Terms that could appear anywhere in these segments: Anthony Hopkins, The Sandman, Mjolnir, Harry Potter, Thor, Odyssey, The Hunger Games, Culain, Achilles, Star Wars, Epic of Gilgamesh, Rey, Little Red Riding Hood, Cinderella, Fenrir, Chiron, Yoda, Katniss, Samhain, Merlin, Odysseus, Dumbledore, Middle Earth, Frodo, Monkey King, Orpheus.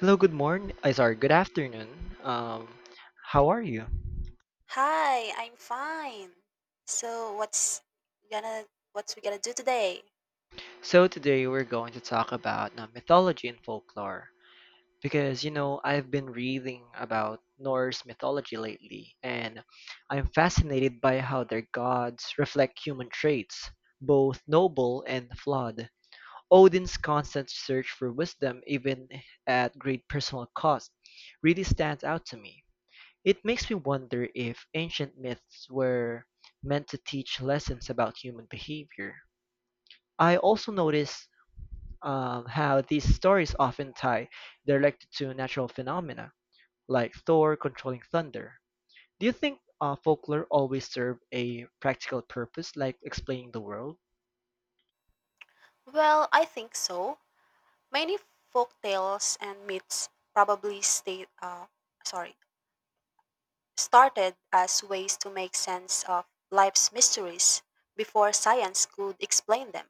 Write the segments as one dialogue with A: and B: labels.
A: Hello, good morning. I Sorry, good afternoon. Um, how are you?
B: Hi, I'm fine. So gonna what's we gonna do today?
A: So today we're going to talk about mythology and folklore because you know I've been reading about Norse mythology lately, and I'm fascinated by how their gods reflect human traits, both noble and flawed. Odin's constant search for wisdom, even at great personal cost, really stands out to me. It makes me wonder if ancient myths were meant to teach lessons about human behavior. I also notice how these stories often tie directly to natural phenomena, like Thor controlling thunder. Do you think folklore always serve a practical purpose, like explaining the world?
B: Well, I think so. Many folk tales and myths probably sorry, started as ways to make sense of life's mysteries before science could explain them.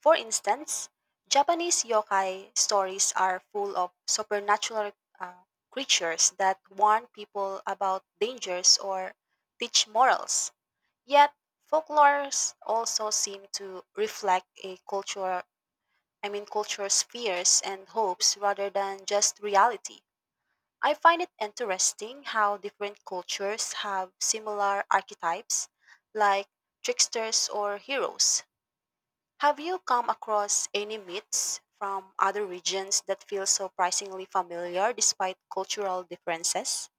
B: For instance, Japanese yokai stories are full of supernatural uh, creatures that warn people about dangers or teach morals. Yet, folklores also seem to reflect a culture's fears and hopes rather than just reality. I find it interesting how different cultures have similar archetypes, like tricksters or heroes. Have you come across any myths from other regions that feel surprisingly familiar despite cultural differences?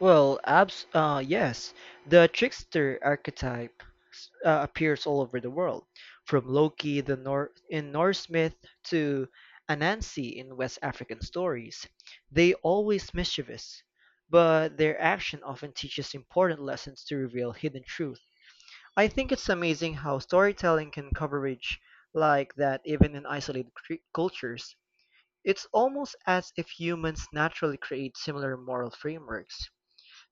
A: Well, abs yes, the trickster archetype appears all over the world, from Loki the Nor in Norse myth to Anansi in West African stories. They always mischievous, but their action often teaches important lessons to reveal hidden truth. I think it's amazing how storytelling can coverage like that even in isolated cultures. It's almost as if humans naturally create similar moral frameworks.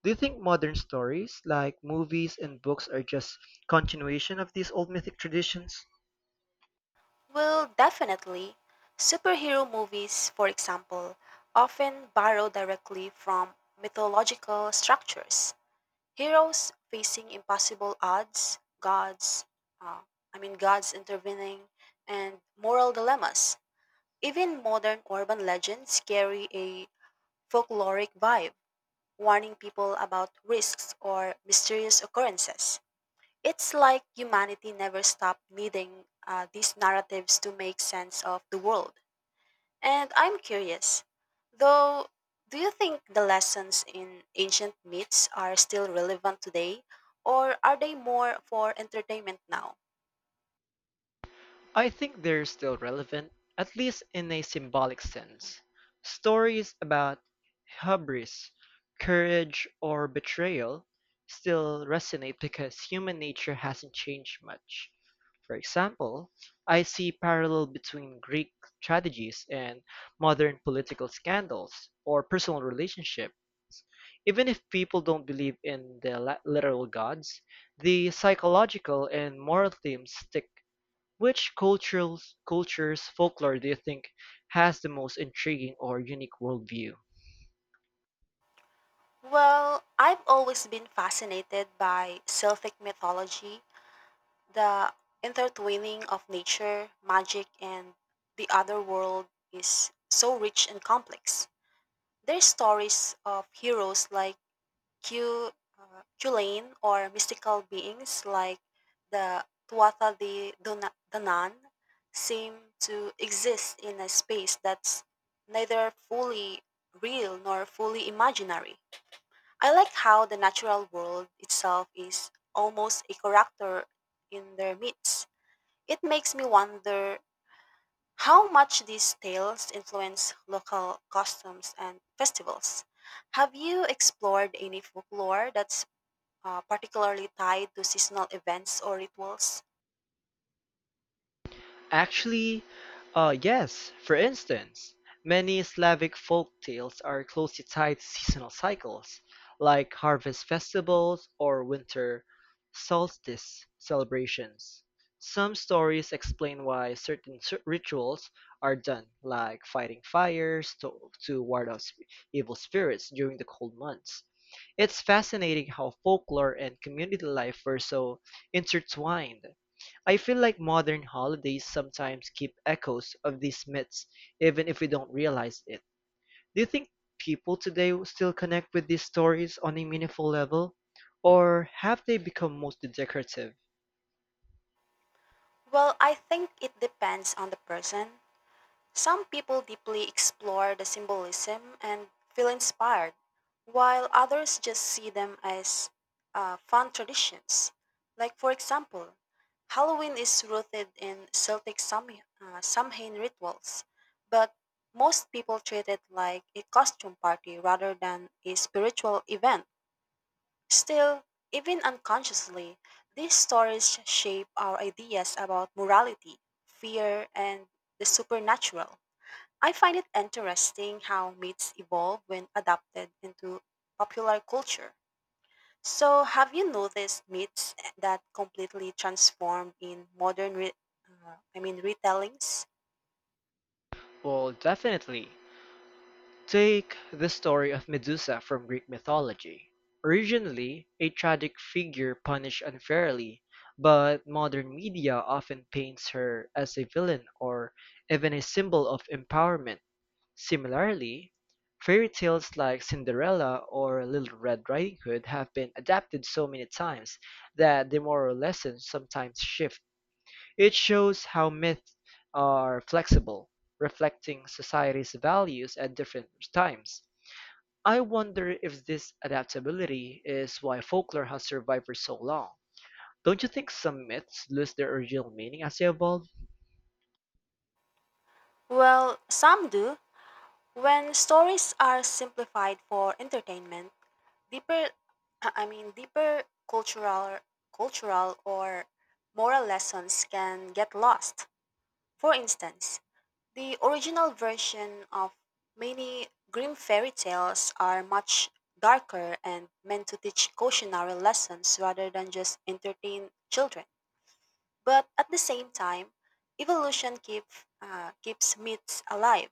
A: Do you think modern stories, like movies and books, are just continuation of these old mythic traditions?
B: Well, definitely. Superhero movies, for example, often borrow directly from mythological structures. Heroes facing impossible odds, uh, gods intervening, and moral dilemmas. Even modern urban legends carry a folkloric vibe, warning people about risks or mysterious occurrences. It's like humanity never stopped needing these narratives to make sense of the world. And I'm curious, though, do you think the lessons in ancient myths are still relevant today, or are they more for entertainment now?
A: I think they're still relevant, at least in a symbolic sense. Stories about hubris, courage, or betrayal still resonate because human nature hasn't changed much. For example, I see parallel between Greek tragedies and modern political scandals or personal relationships. Even if people don't believe in the literal gods, the psychological and moral themes stick. Which cultural cultures folklore do you think has the most intriguing or unique worldview?
B: Well, I've always been fascinated by Celtic mythology, the intertwining of nature, magic, and the other world is so rich and complex. Their stories of heroes like Q, Culain or mystical beings like the Danann seem to exist in a space that's neither fully real nor fully imaginary. I like how the natural world itself is almost a character in their myths. It makes me wonder how much these tales influence local customs and festivals? Have you explored any folklore that's particularly tied to seasonal events or rituals?
A: Actually, yes. For instance, many Slavic folk tales are closely tied to seasonal cycles, like harvest festivals or winter solstice celebrations. Some stories explain why certain rituals are done, like fighting fires to ward off evil spirits during the cold months. It's fascinating how folklore and community life were so intertwined. I feel like modern holidays sometimes keep echoes of these myths, even if we don't realize it. Do you think people today still connect with these stories on a meaningful level? Or have they become mostly decorative?
B: Well, I think it depends on the person. Some people deeply explore the symbolism and feel inspired, while others just see them as fun traditions. Like, for example, Halloween is rooted in Celtic Samhain rituals, but most people treat it like a costume party rather than a spiritual event. Still, even unconsciously, these stories shape our ideas about morality, fear, and the supernatural. I find it interesting how myths evolve when adapted into popular culture. So, have you noticed myths that completely transformed in modern, re- I mean, retellings?
A: Well, definitely. Take the story of Medusa from Greek mythology. Originally a tragic figure punished unfairly, but modern media often paints her as a villain or even a symbol of empowerment. Similarly, fairy tales like Cinderella or Little Red Riding Hood have been adapted so many times that the moral lessons sometimes shift. It shows how myths are flexible, reflecting society's values at different times. I wonder if this adaptability is why folklore has survived for so long. Don't you think some myths lose their original meaning as they evolve?
B: Well, some do. When stories are simplified for entertainment, deeper, I mean, deeper cultural, cultural or moral lessons can get lost. For instance, the original version of many grim fairy tales are much darker and meant to teach cautionary lessons rather than just entertain children. But at the same time, evolution keeps myths alive.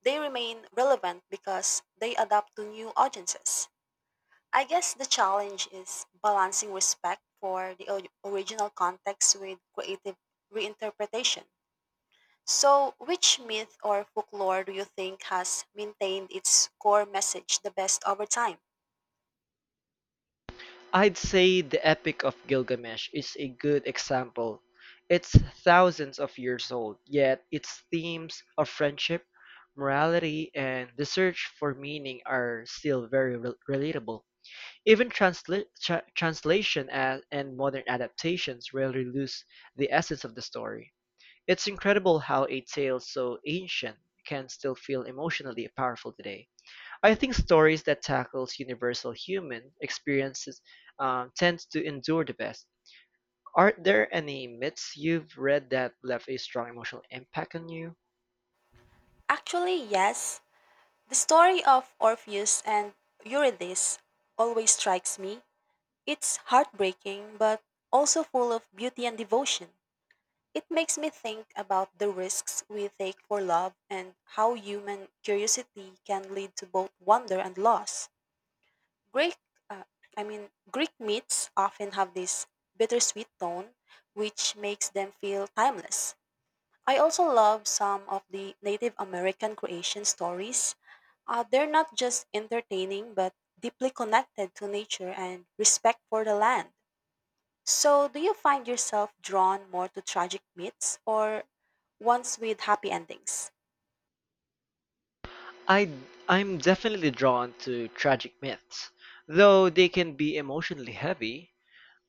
B: They remain relevant because they adapt to new audiences. I guess the challenge is balancing respect for the original context with creative reinterpretation. So, which myth or folklore do you think has maintained its core message the best over time?
A: I'd say the Epic of Gilgamesh is a good example. It's thousands of years old, yet its themes of friendship, morality, and the search for meaning are still very relatable. Even translation and modern adaptations rarely lose the essence of the story. It's incredible how a tale so ancient can still feel emotionally powerful today. I think stories that tackles universal human experiences tend to endure the best. Are there any myths you've read that left a strong emotional impact on you?
B: Actually, yes. The story of Orpheus and Eurydice always strikes me. It's heartbreaking, but also full of beauty and devotion. It makes me think about the risks we take for love and how human curiosity can lead to both wonder and loss. Greek, uh, Greek myths often have this bittersweet tone, which makes them feel timeless. I also love some of the Native American creation stories. They're not just entertaining, but deeply connected to nature and respect for the land. So, do you find yourself drawn more to tragic myths or ones with happy endings?
A: I I'm definitely drawn to tragic myths, though they can be emotionally heavy.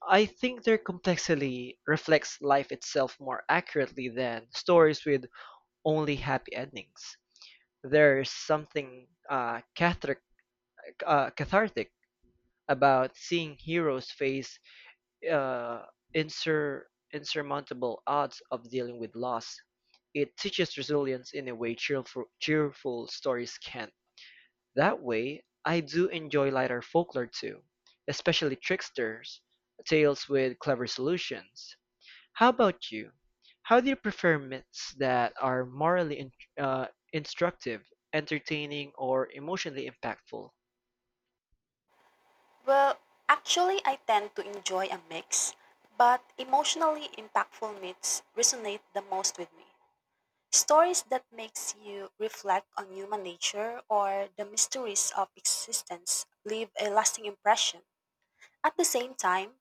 A: I think their complexity reflects life itself more accurately than stories with only happy endings. There's something cathartic about seeing heroes face uh, insur- insurmountable odds of dealing with loss. It teaches resilience in a way cheerful stories can't. That way, I do enjoy lighter folklore too, especially tricksters, tales with clever solutions. How about you? How do you prefer myths that are morally uh, instructive, entertaining, or emotionally impactful?
B: Well, actually, I tend to enjoy a mix, but emotionally impactful myths resonate the most with me. Stories that makes you reflect on human nature or the mysteries of existence leave a lasting impression. At the same time,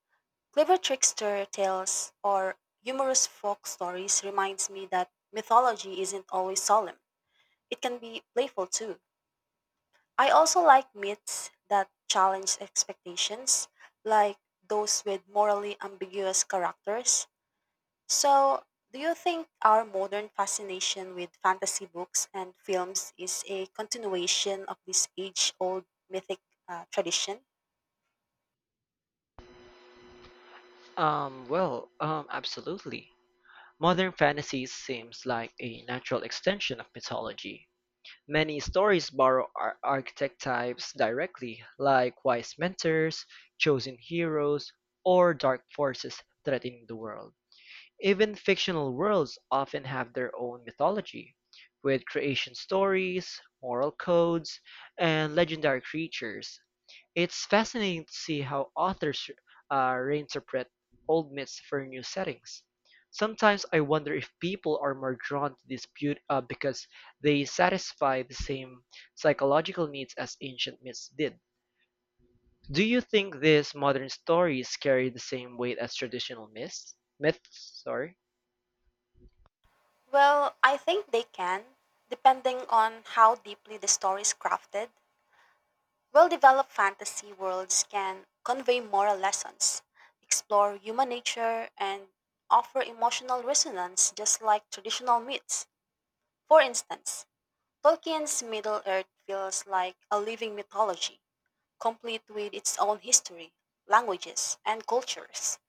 B: clever trickster tales or humorous folk stories reminds me that mythology isn't always solemn. It can be playful too. I also like myths that challenge expectations, like those with morally ambiguous characters. So, do you think our modern fascination with fantasy books and films is a continuation of this age old mythic tradition?
A: Well, absolutely. Modern fantasy seems like a natural extension of mythology. Many stories borrow archetypes directly, like wise mentors, chosen heroes, or dark forces threatening the world. Even fictional worlds often have their own mythology, with creation stories, moral codes, and legendary creatures. It's fascinating to see how authors reinterpret old myths for new settings. Sometimes I wonder if people are more drawn to this beauty because they satisfy the same psychological needs as ancient myths did. Do you think these modern stories carry the same weight as traditional myths? Myths, sorry.
B: Well, I think they can, depending on how deeply the story is crafted. Well developed fantasy worlds can convey moral lessons, explore human nature, and offer emotional resonance just like traditional myths. For instance, Tolkien's Middle Earth feels like a living mythology, complete with its own history, languages, and cultures.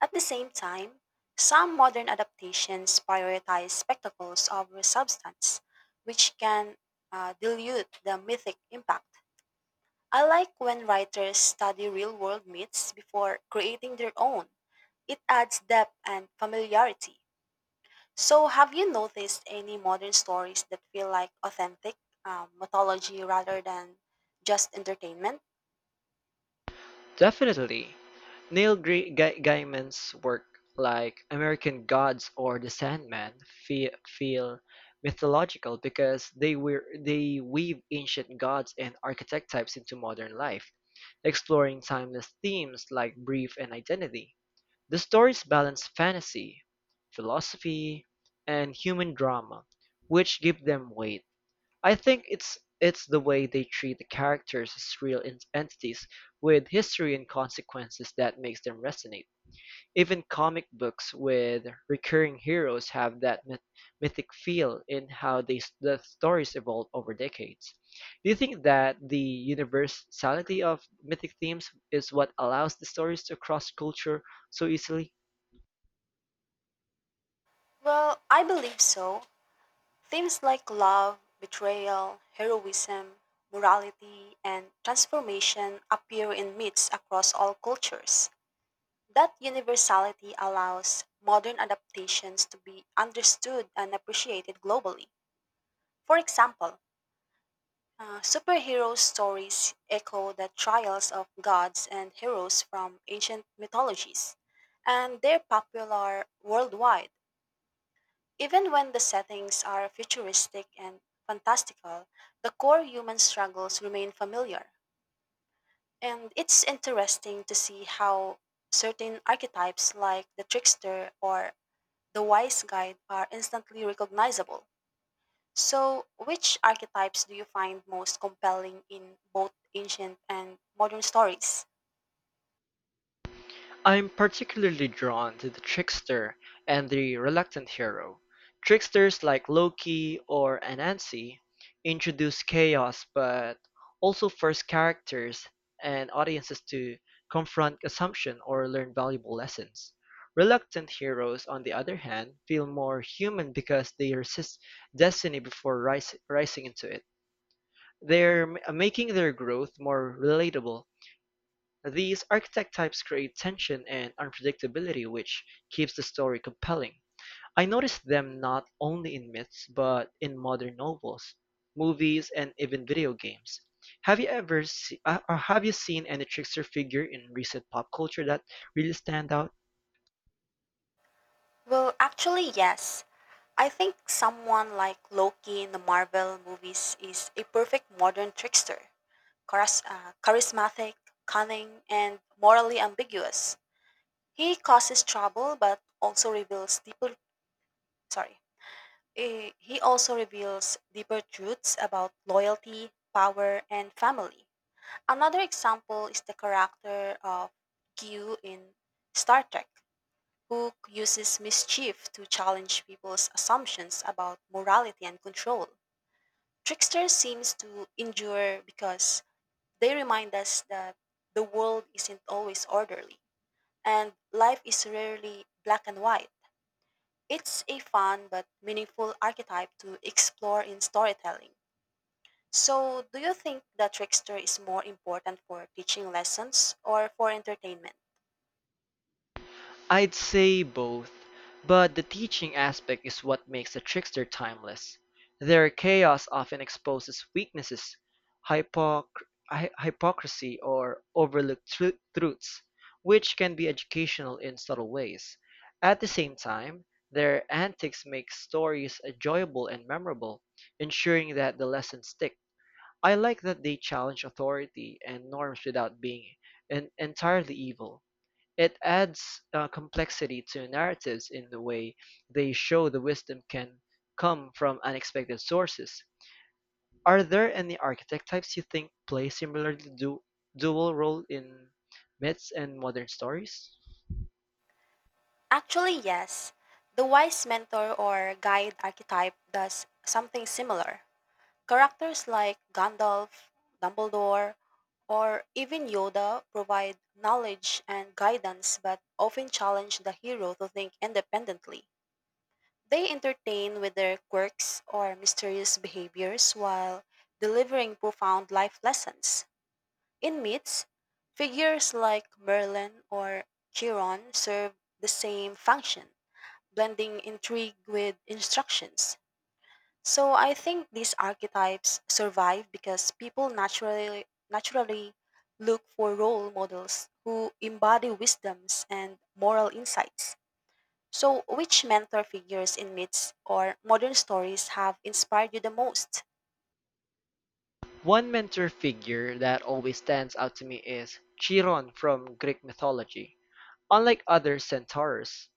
B: At the same time, some modern adaptations prioritize spectacles over substance, which can dilute the mythic impact. I like when writers study real world myths before creating their own. It adds depth and familiarity. So, have you noticed any modern stories that feel like authentic mythology rather than just entertainment?
A: Definitely. Neil Gaiman's work like American Gods or The Sandman feel mythological because they weave ancient gods and archetypes into modern life, exploring timeless themes like brief and identity. The stories balance fantasy, philosophy, and human drama, which give them weight. I think it's the way they treat the characters as real entities with history and consequences that makes them resonate. Even comic books with recurring heroes have that mythic feel in how the stories evolve over decades. Do you think that the universality of mythic themes is what allows the stories to cross culture so easily?
B: Well, I believe so. Themes like love, betrayal, heroism, morality, and transformation appear in myths across all cultures. That universality allows modern adaptations to be understood and appreciated globally. For example, superhero stories echo the trials of gods and heroes from ancient mythologies, and they're popular worldwide. Even when the settings are futuristic and fantastical, the core human struggles remain familiar. And it's interesting to see how certain archetypes like the trickster or the wise guide are instantly recognizable. So, which archetypes do you find most compelling in both ancient and modern stories?
A: I am particularly drawn to the trickster and the reluctant hero. Tricksters like Loki or Anansi introduce chaos but also force characters and audiences to confront assumption or learn valuable lessons. Reluctant heroes, on the other hand, feel more human because they resist destiny before rising into it. Making their growth more relatable, these archetype types create tension and unpredictability which keeps the story compelling. I noticed them not only in myths but in modern novels, movies, and even video games. Have you ever se- or have you seen any trickster figure in recent pop culture that really stand out?
B: Well, actually, yes. I think someone like Loki in the Marvel movies is a perfect modern trickster, charismatic, cunning, and morally ambiguous. He causes trouble but also reveals deeper sorry. Eh, He also reveals deeper truths about loyalty, power, and family. Another example is the character of Q in Star Trek, who uses mischief to challenge people's assumptions about morality and control. Trickster seems to endure because they remind us that the world isn't always orderly and life is rarely black and white. It's a fun but meaningful archetype to explore in storytelling. So, do you think the trickster is more important for teaching lessons or for entertainment?
A: I'd say both, but the teaching aspect is what makes the trickster timeless. Their chaos often exposes weaknesses, hypoc- hypocrisy, or overlooked truths, which can be educational in subtle ways. At the same time, their antics make stories enjoyable and memorable, ensuring that the lessons stick. I like that they challenge authority and norms without being entirely evil. It adds complexity to narratives in the way they show the wisdom can come from unexpected sources. Are there any architect types you think play similarly dual role in myths and modern stories?
B: Actually, yes. The wise mentor or guide archetype does something similar. Characters like Gandalf, Dumbledore, or even Yoda provide knowledge and guidance but often challenge the hero to think independently. They entertain with their quirks or mysterious behaviors while delivering profound life lessons. In myths, figures like Merlin or Chiron serve the same function blending intrigue with instructions. So I think these archetypes survive because people naturally look for role models who embody wisdoms and moral insights. So which mentor figures in myths or modern stories have inspired you the most?
A: One mentor figure that always stands out to me is Chiron from Greek mythology. Unlike other centaurs,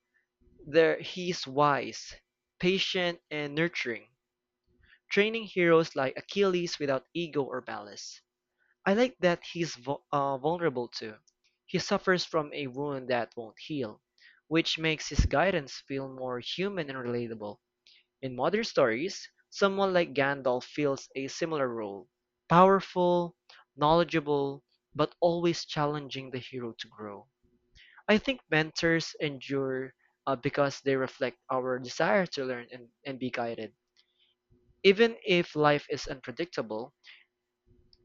A: there he's wise, patient, and nurturing, training heroes like Achilles without ego or malice. I like that he's vulnerable too. He suffers from a wound that won't heal, which makes his guidance feel more human and relatable. In modern stories, someone like Gandalf fills a similar role, powerful, knowledgeable, but always challenging the hero to grow. I think mentors endure because they reflect our desire to learn and be guided. Even if life is unpredictable,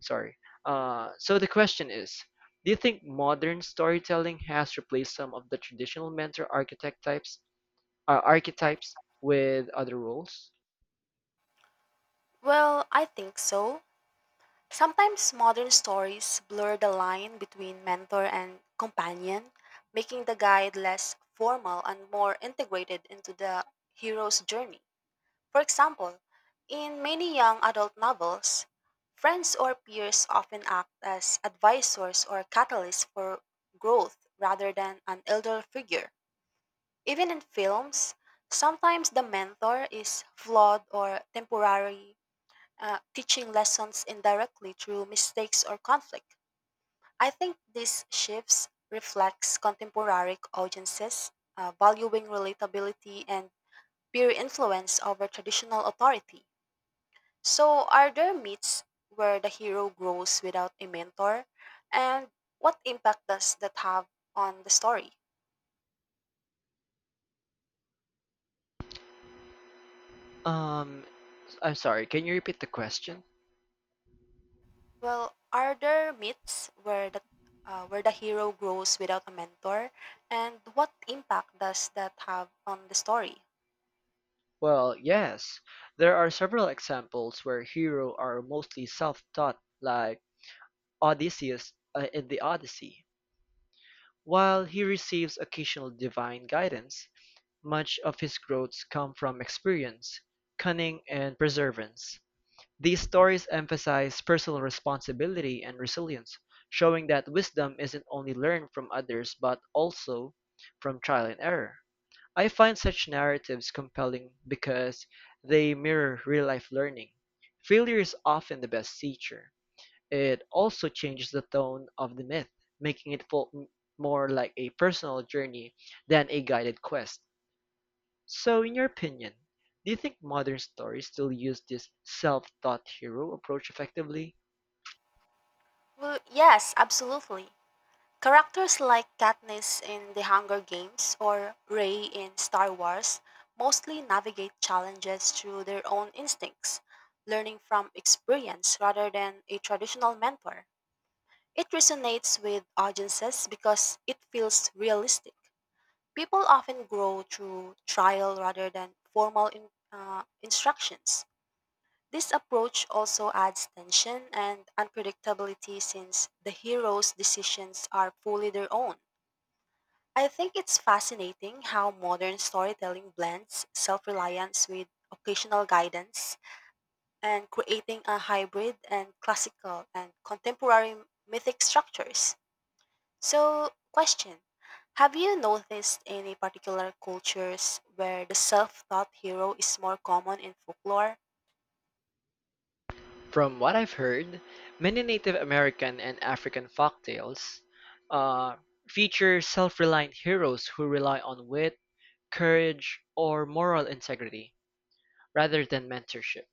A: sorry. So the question is, do you think modern storytelling has replaced some of the traditional mentor architect types, archetypes with other roles?
B: Well, I think so. Sometimes modern stories blur the line between mentor and companion, making the guide less formal and more integrated into the hero's journey. For example, in many young adult novels, friends or peers often act as advisors or catalysts for growth rather than an elder figure. Even in films, sometimes the mentor is flawed or temporary teaching lessons indirectly through mistakes or conflict. I think these shifts reflects contemporary audiences valuing relatability and peer influence over traditional authority. So, are there myths where the hero grows without a mentor, and what impact does that have on the story?
A: Um, I'm sorry, can you repeat the question?
B: Well, are there myths where the hero grows without a mentor, and what impact does that have on the story?
A: Well, yes. There are several examples where hero are mostly self-taught, like Odysseus in the Odyssey. While he receives occasional divine guidance, much of his growths come from experience, cunning, and perseverance. These stories emphasize personal responsibility and resilience, showing that wisdom isn't only learned from others but also from trial and error. I find such narratives compelling because they mirror real life learning. Failure is often the best teacher. It also changes the tone of the myth, making it feel more like a personal journey than a guided quest. So, in your opinion, do you think modern stories still use this self-taught hero approach effectively?
B: Well, yes, absolutely. Characters like Katniss in The Hunger Games or Rey in Star Wars mostly navigate challenges through their own instincts, learning from experience rather than a traditional mentor. It resonates with audiences because it feels realistic. People often grow through trial rather than formal instructions. This approach also adds tension and unpredictability since the hero's decisions are fully their own. I think it's fascinating how modern storytelling blends self reliance with occasional guidance and creating a hybrid and classical and contemporary mythic structures. So, question, have you noticed any particular cultures where the self taught hero is more common in folklore?
A: From what I've heard, many Native American and African folktales uh, feature self-reliant heroes who rely on wit, courage, or moral integrity rather than mentorship.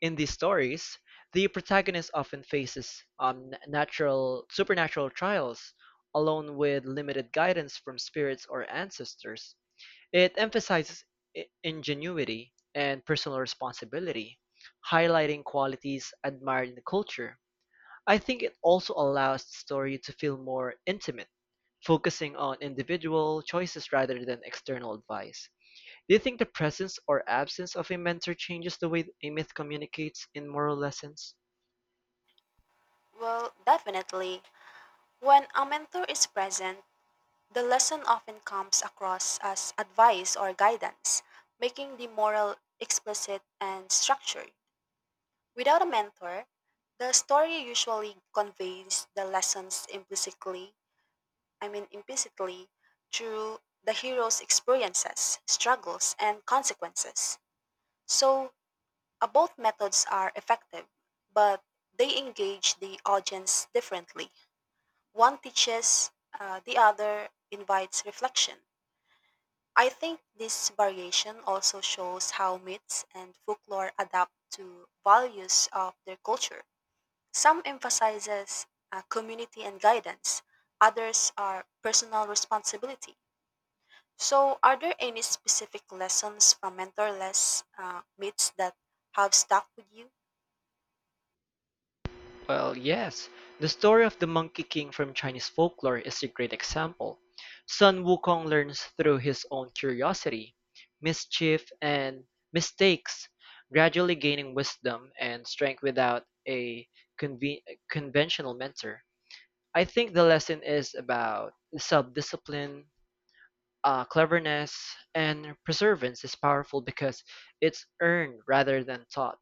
A: In these stories, the protagonist often faces natural supernatural trials alone with limited guidance from spirits or ancestors. It emphasizes ingenuity and personal responsibility, highlighting qualities admired in the culture. I think it also allows the story to feel more intimate, focusing on individual choices rather than external advice. Do you think the presence or absence of a mentor changes the way a myth communicates in moral lessons?
B: Well, definitely. When a mentor is present, the lesson often comes across as advice or guidance, making the moral explicit and structured. Without a mentor, the story usually conveys the lessons implicitly, I mean implicitly, through the hero's experiences, struggles, and consequences. So, both methods are effective, but they engage the audience differently. One teaches, the other invites reflection. I think this variation also shows how myths and folklore adapt to values of their culture. Some emphasizes community and guidance, others are personal responsibility. So, are there any specific lessons from mentorless myths that have stuck with you?
A: Well, yes. The story of the Monkey King from Chinese folklore is a great example. Sun Wukong learns through his own curiosity, mischief, and mistakes, gradually gaining wisdom and strength without a conve- conventional mentor. I think the lesson is about self-discipline, cleverness, and perseverance is powerful because it's earned rather than taught.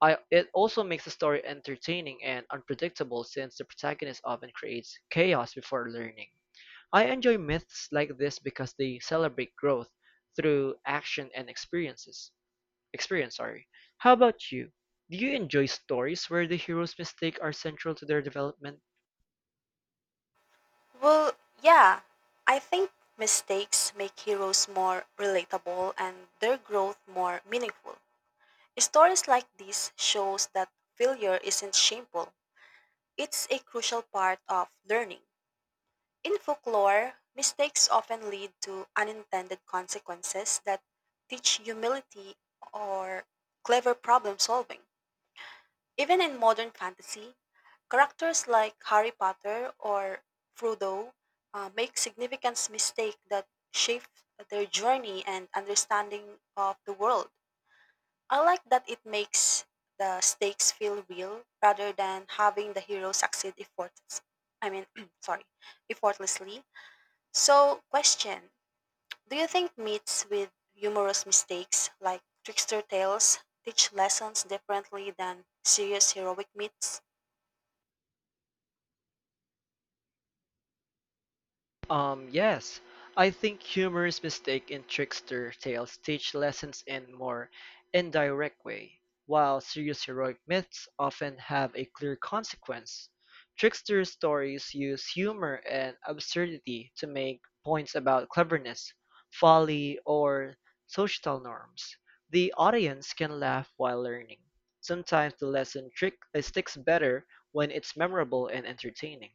A: It also makes the story entertaining and unpredictable since the protagonist often creates chaos before learning. I enjoy myths like this because they celebrate growth through action and experiences. Experience, sorry. How about you? Do you enjoy stories where the hero's mistakes are central to their development?
B: Well, yeah, I think mistakes make heroes more relatable and their growth more meaningful. Stories like this shows that failure isn't shameful. It's a crucial part of learning. In folklore, mistakes often lead to unintended consequences that teach humility or clever problem solving. Even in modern fantasy, characters like Harry Potter or Frodo make significant mistakes that shape their journey and understanding of the world. I like that it makes the stakes feel real rather than having the hero succeed effortless. I mean, sorry, effortlessly. So, question: do you think myths with humorous mistakes, like trickster tales, teach lessons differently than serious heroic myths?
A: Yes, I think humorous mistake in trickster tales teach lessons in more indirect way, while serious heroic myths often have a clear consequence. Trickster stories use humor and absurdity to make points about cleverness, folly, or societal norms. The audience can laugh while learning. Sometimes the lesson trick sticks better when it's memorable and entertaining.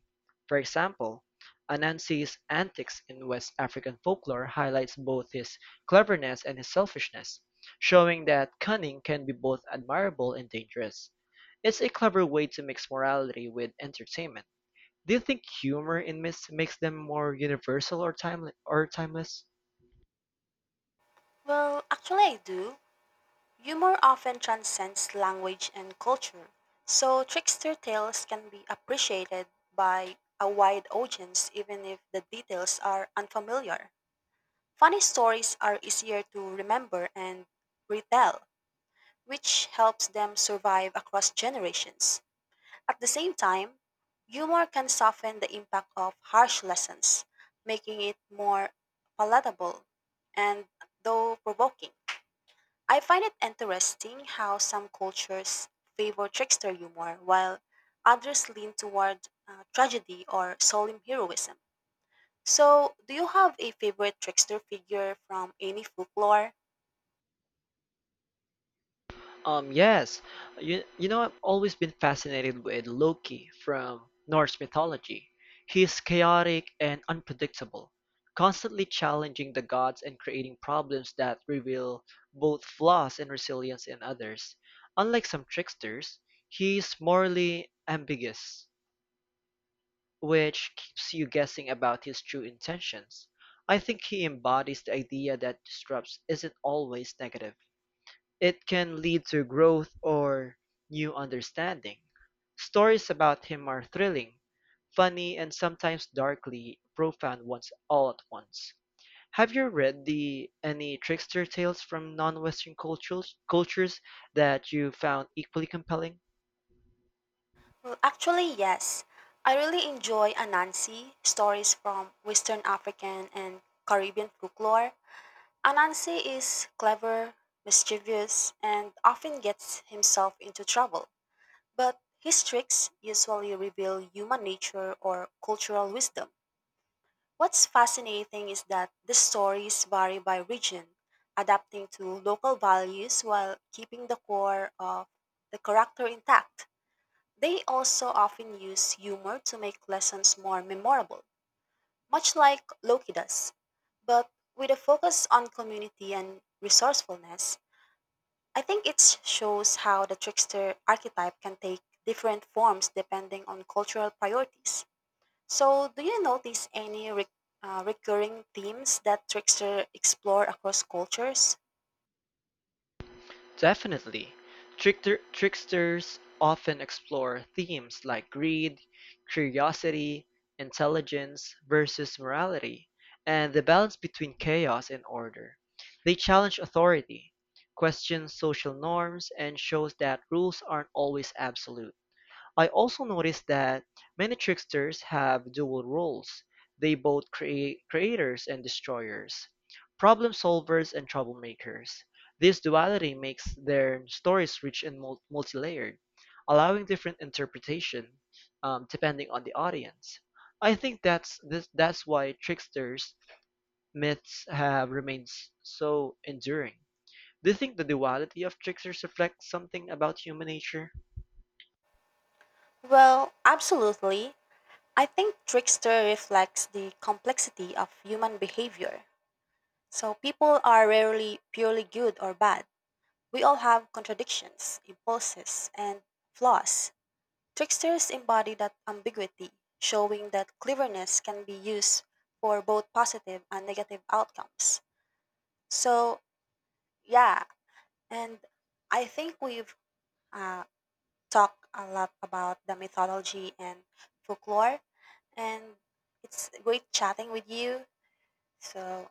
A: For example, Anansi's antics in West African folklore highlights both his cleverness and his selfishness, showing that cunning can be both admirable and dangerous. It's a clever way to mix morality with entertainment. Do you think humor in myths makes them more universal or time or timeless?
B: Well, actually, I do. Humor often transcends language and culture, so trickster tales can be appreciated by a wide audience even if the details are unfamiliar. Funny stories are easier to remember and retell, which helps them survive across generations. At the same time, humor can soften the impact of harsh lessons, making it more palatable and though provoking. I find it interesting how some cultures favor trickster humor while others lean toward tragedy or solemn heroism. So, do you have a favorite trickster figure from any folklore?
A: Yes, you know, I've always been fascinated with Loki from Norse mythology. He is chaotic and unpredictable, constantly challenging the gods and creating problems that reveal both flaws and resilience in others. Unlike some tricksters, he's morally ambiguous, which keeps you guessing about his true intentions. I think he embodies the idea that disrupts isn't always negative, it can lead to growth or new understanding. Stories about him are thrilling, funny, and sometimes darkly profound ones all at once. Have you read the any trickster tales from non-Western cultures that you found equally compelling?
B: Well, actually, yes. I really enjoy Anansi stories from Western African and Caribbean folklore. Anansi is clever, mischievous, and often gets himself into trouble. But his tricks usually reveal human nature or cultural wisdom. What's fascinating is that the stories vary by region, adapting to local values while keeping the core of the character intact. They also often use humor to make lessons more memorable, much like Loki does, but with a focus on community and resourcefulness. I think it shows how the trickster archetype can take different forms depending on cultural priorities. So, do you notice any recurring themes that trickster explore across cultures?
A: Definitely, tricksters often explore themes like greed, curiosity, intelligence versus morality, and the balance between chaos and order. They challenge authority, question social norms, and shows that rules aren't always absolute. I also noticed that many tricksters have dual roles. They both create creators and destroyers, problem solvers and troublemakers. This duality makes their stories rich and multi-layered, allowing different interpretation depending on the audience. I think that's why tricksters myths have remained so enduring. Do you think the duality of tricksters reflects something about human nature?
B: Well, absolutely. I think trickster reflects the complexity of human behavior. So, people are rarely purely good or bad. We all have contradictions, impulses, and flaws. Tricksters embody that ambiguity, showing that cleverness can be used for both positive and negative outcomes. So, yeah, and I think we've uh, talked a lot about the mythology and folklore, and it's great chatting with you. So,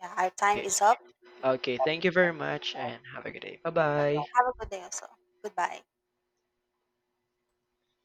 B: yeah, our time is up.
A: Okay, thank you very much and have a good day. Bye bye.
B: Have a good day also. Goodbye.